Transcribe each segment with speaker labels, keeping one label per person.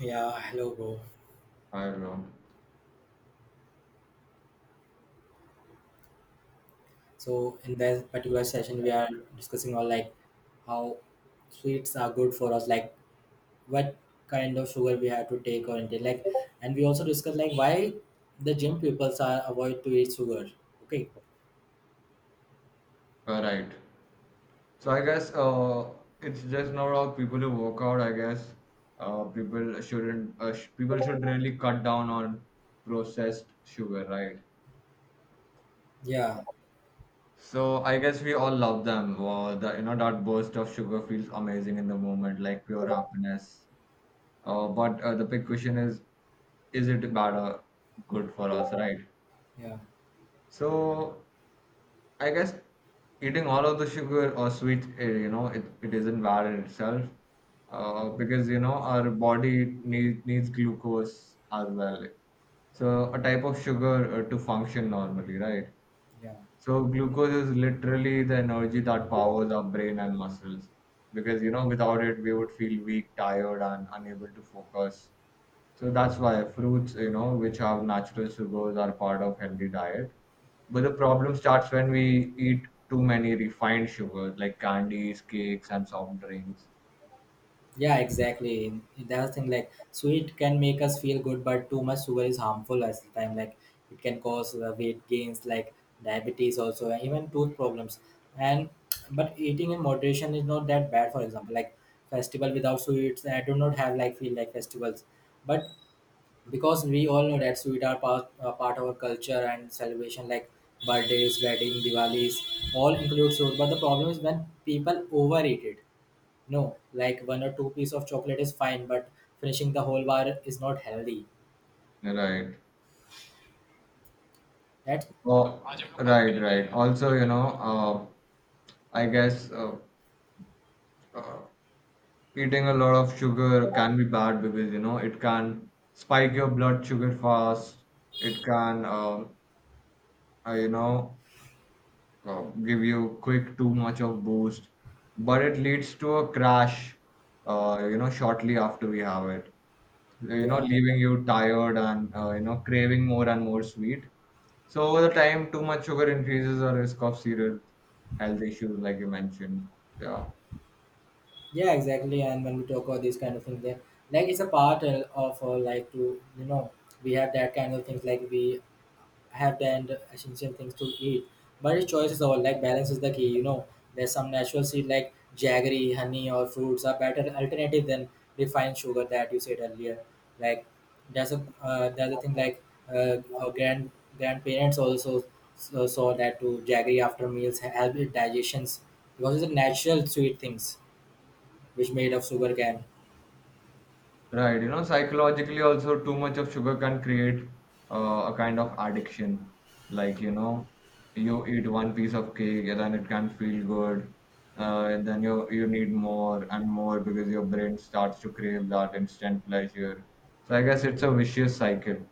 Speaker 1: Yeah, hello, bro.
Speaker 2: I don't know.
Speaker 1: So in this particular session, we are discussing on like how sweets are good for us, like what kind of sugar we have to take or intake, like, and we also discuss like why the gym pupils are avoid to eat sugar. Okay.
Speaker 2: All right. So I guess it's just not all people who work out. I guess people shouldn't people should really cut down on processed sugar, right?
Speaker 1: Yeah,
Speaker 2: So I guess we all love them. The you know That burst of sugar feels amazing in the moment, like pure happiness. But The big question is it better good for us, right?
Speaker 1: yeah,
Speaker 2: So I guess eating all of the sugar or sweets, it isn't bad in itself because, you know, our needs glucose as well. So, a type of sugar to function normally, right?
Speaker 1: yeah.
Speaker 2: So, glucose is literally the energy that powers our brain and muscles because, you know, without it, we would feel weak, tired, and unable to focus. So that's why fruits, you know, which have natural sugars are part of healthy diet. But the problem starts when we eat too many refined sugars like candies, cakes, and soft drinks.
Speaker 1: Yeah, exactly. That's the thing. Like sweet can make us feel good, but too much sugar is harmful at the time. Like it can cause weight gains, like diabetes, also and even tooth problems. And but eating in moderation is not that bad. For example, like festival without sweets, I do not have like feel like festivals. But because we all know that sweet are part of our culture and celebration, like birthdays, wedding, Diwali's, all include sweet. But the problem is when people overeat it no, like one or two piece of chocolate is fine, but finishing the whole bar is not healthy.
Speaker 2: Right.
Speaker 1: Right?
Speaker 2: Oh, right, right. Also, you know, I guess eating a lot of sugar can be bad because, you know, it can spike your blood sugar fast. It can, uh, you know, uh, give you quick too much of boost, but it leads to a crash you know, shortly after we have it, you know,
Speaker 1: Yeah,
Speaker 2: leaving you tired and you know, craving more and more sweet. So over the time, too much sugar increases our risk of serious health issues, like you mentioned, yeah.
Speaker 1: yeah, exactly. And when we talk about these kind of things, then like it's a part of like to you know we have that kind of things like we have the and essential things to eat. But the choice is all like balance is the key. You know, there's some natural seed like jaggery, honey, or fruits are better alternative than refined sugar that you said earlier. Like there's a thing like our grandparents also saw that to jaggery after meals help with digestions because it's a natural sweet things which made of sugar cane
Speaker 2: Right, you know, psychologically also too much of sugar can create a kind of addiction. Like, you know, you eat one piece of cake and then it can feel good. And then you need more and more because your brain starts to crave that instant pleasure. So I guess it's a vicious cycle.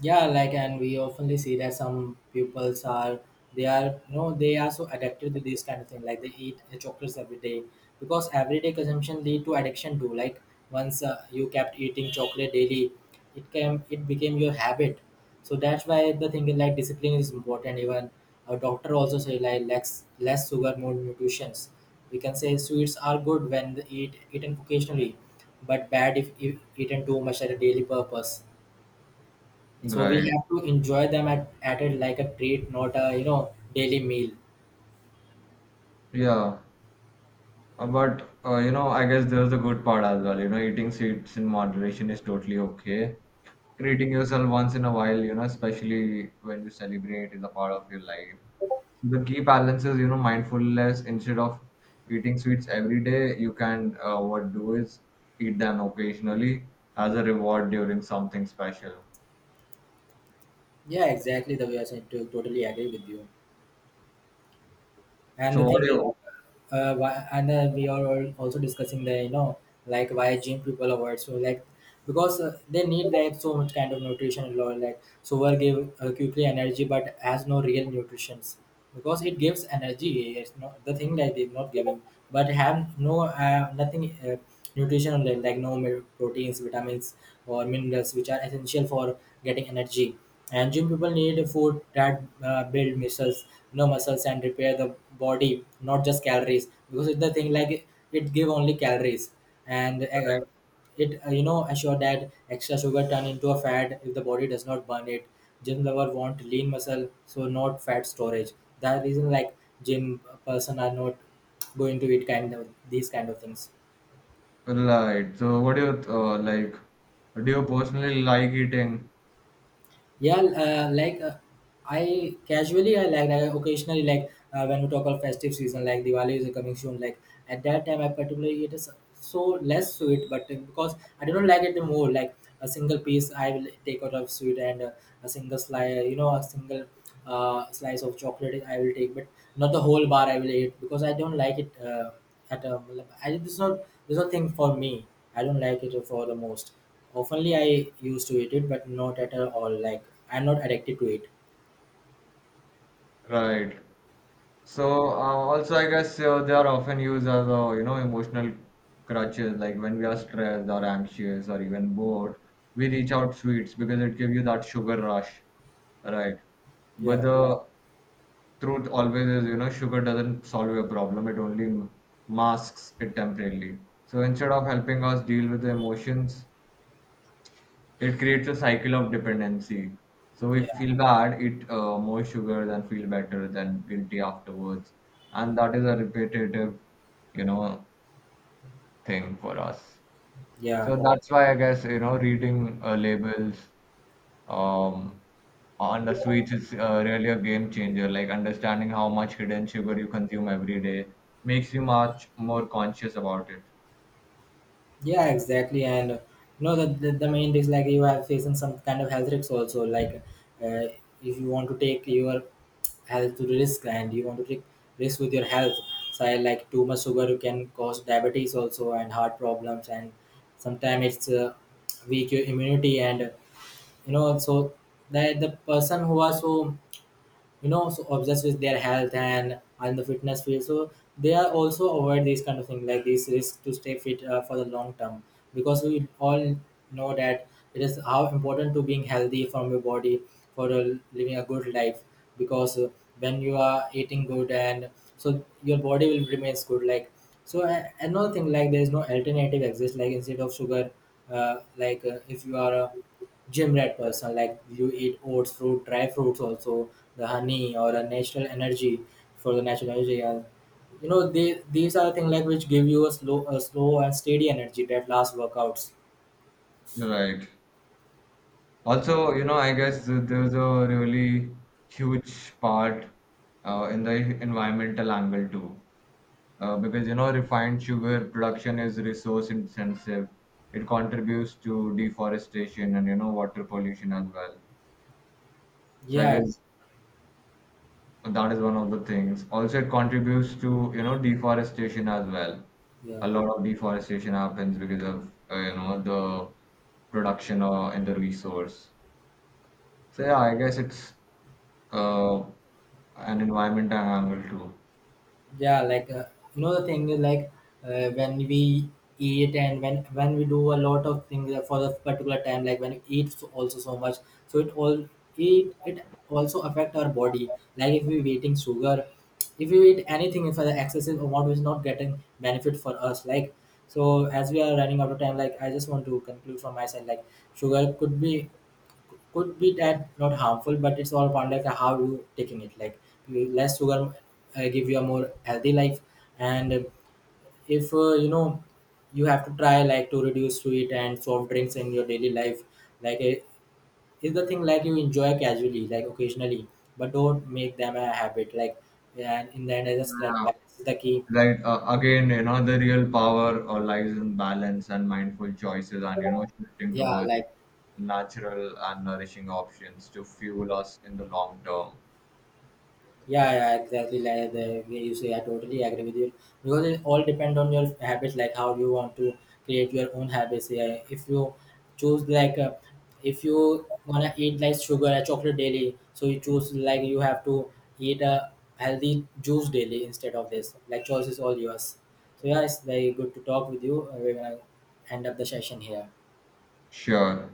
Speaker 1: yeah like and we often see that some pupils are they are you know they are so addicted to this kind of thing like they eat chocolates every day because everyday consumption lead to addiction too like once you kept eating chocolate daily it became your habit so that's why the thing is like discipline is important even a doctor also say like less sugar more nutritions we can say sweets are good when they eaten occasionally but bad if eaten too much at a daily purpose so we
Speaker 2: Right.
Speaker 1: have to enjoy them at it like a treat, not a you know daily meal.
Speaker 2: Yeah. But you know, I guess there's a good part as well. You know, eating sweets in moderation is totally okay. Treating yourself once in a while, you know, especially when you celebrate, is a part of your life. So the key balance is, you know, mindfulness. Instead of eating sweets every day, you can what do is eat them occasionally as a reward during something special.
Speaker 1: Yeah, exactly the way I said. Totally agree with you. And the
Speaker 2: So what
Speaker 1: thing
Speaker 2: do
Speaker 1: is,
Speaker 2: you
Speaker 1: why, and we are also discussing the you know like why gym people avoid so like because they need like so much kind of nutrition and all like so will give quickly energy but has no real nutritions because it gives energy. It's not the thing that they're not giving, but have nothing nutritional like no proteins, vitamins, or minerals which are essential for getting energy. And gym people need food that build muscles, no muscles and repair the body, not just calories. Because it's the thing like it give only calories and it you know assure that extra sugar turn into a fat if the body does not burn it gym lover want lean muscle so not fat storage that reason like gym person are not going to eat kind of these kind of things
Speaker 2: like? Do you personally like eating?
Speaker 1: Yeah, I occasionally like when we talk about festive season like Diwali is coming soon. Like at that time, I particularly it is so less sweet, but because I do not like it more. Like a single piece, I will take out of sweet and a single slice, you know, a single slice of chocolate I will take, but not the whole bar I will eat because I don't like it. At like, I it's not thing for me. I don't like it for the most. Oftenly I used to eat it, but not at all. Like I'm not addicted to it.
Speaker 2: Right. So also, I guess they are often used as you know, emotional crutches. Like when we are stressed or anxious or even bored, we reach out sweets because it gives you that sugar rush, right? But Yeah.
Speaker 1: Yeah,
Speaker 2: the truth always is, you know, sugar doesn't solve your problem. It only masks it temporarily. So instead of helping us deal with the emotions, it creates a cycle of dependency. So we
Speaker 1: yeah,
Speaker 2: feel bad, eat more sugar, then feel better, then guilty afterwards. And that is a repetitive, you know, thing for us.
Speaker 1: yeah,
Speaker 2: So that's why I guess, you know, reading labels um, on the sweets is really a game changer. Like understanding how much hidden sugar you consume every day makes you much more conscious about it.
Speaker 1: yeah. Exactly. And you know the main is like you are facing some kind of health risks also. Like uh, if you want to take your health to the risk and you want to take risk with your health. So I like too much sugar can cause diabetes also and heart problems and sometimes it's weak your immunity and you know so that the person who are so you know so obsessed with their health and the fitness field so they are also avoid these kind of thing like these risk to stay fit for the long term because we all know that it is how important to being healthy from your body for living a good life because when you are eating good and so your body will remains good like so another thing like there is no alternative exists like instead of sugar if you are gym rat person like you eat oats fruit dry fruits also the honey or a natural energy for the natural energy and you know they, these are the things like which give you a slow and steady energy that last workouts
Speaker 2: Right. Also, you know, I guess there's a really huge part in the environmental angle too, because you know, refined sugar production is resource intensive. It contributes to deforestation and, you know, water pollution as well. So I
Speaker 1: yeah
Speaker 2: guess
Speaker 1: Yes.
Speaker 2: that is one of the things. Also, it contributes to, you know, deforestation as well.
Speaker 1: yeah
Speaker 2: A lot of deforestation happens because of you know, the production or in the resource. So yeah, I guess it's uh, an environment angle too.
Speaker 1: yeah like you know the thing is like when we eat and when we do a lot of things for a particular time like when you eat also so much so it all it also affect our body like if we eating sugar if we eat anything for the excessive amount is not getting benefit for us like so as we are running out of time like I just want to conclude from my side like sugar could be that not harmful but it's all upon like how you taking it like less sugar give you a more healthy life and if you know you have to try like to reduce sweet and soft drinks in your daily life like is the thing like you enjoy casually like occasionally but don't make them a habit like and in the end I just like
Speaker 2: Yeah.
Speaker 1: balance is the key
Speaker 2: Like again, you know, the real power or lies in balance and mindful choices, and you know, shifting
Speaker 1: yeah
Speaker 2: towards
Speaker 1: like
Speaker 2: natural and nourishing options to fuel us in the long term.
Speaker 1: Yeah, yeah, exactly. Like the way you say, I totally agree with you because it all depends on your habits, like how you want to create your own habits. Yeah, if you choose like if you wanna eat like sugar or chocolate daily, so you choose like you have to eat a healthy juice daily instead of this. Like choice is all yours. So yeah, it's very good to talk with you. We're gonna end up the session here.
Speaker 2: Sure.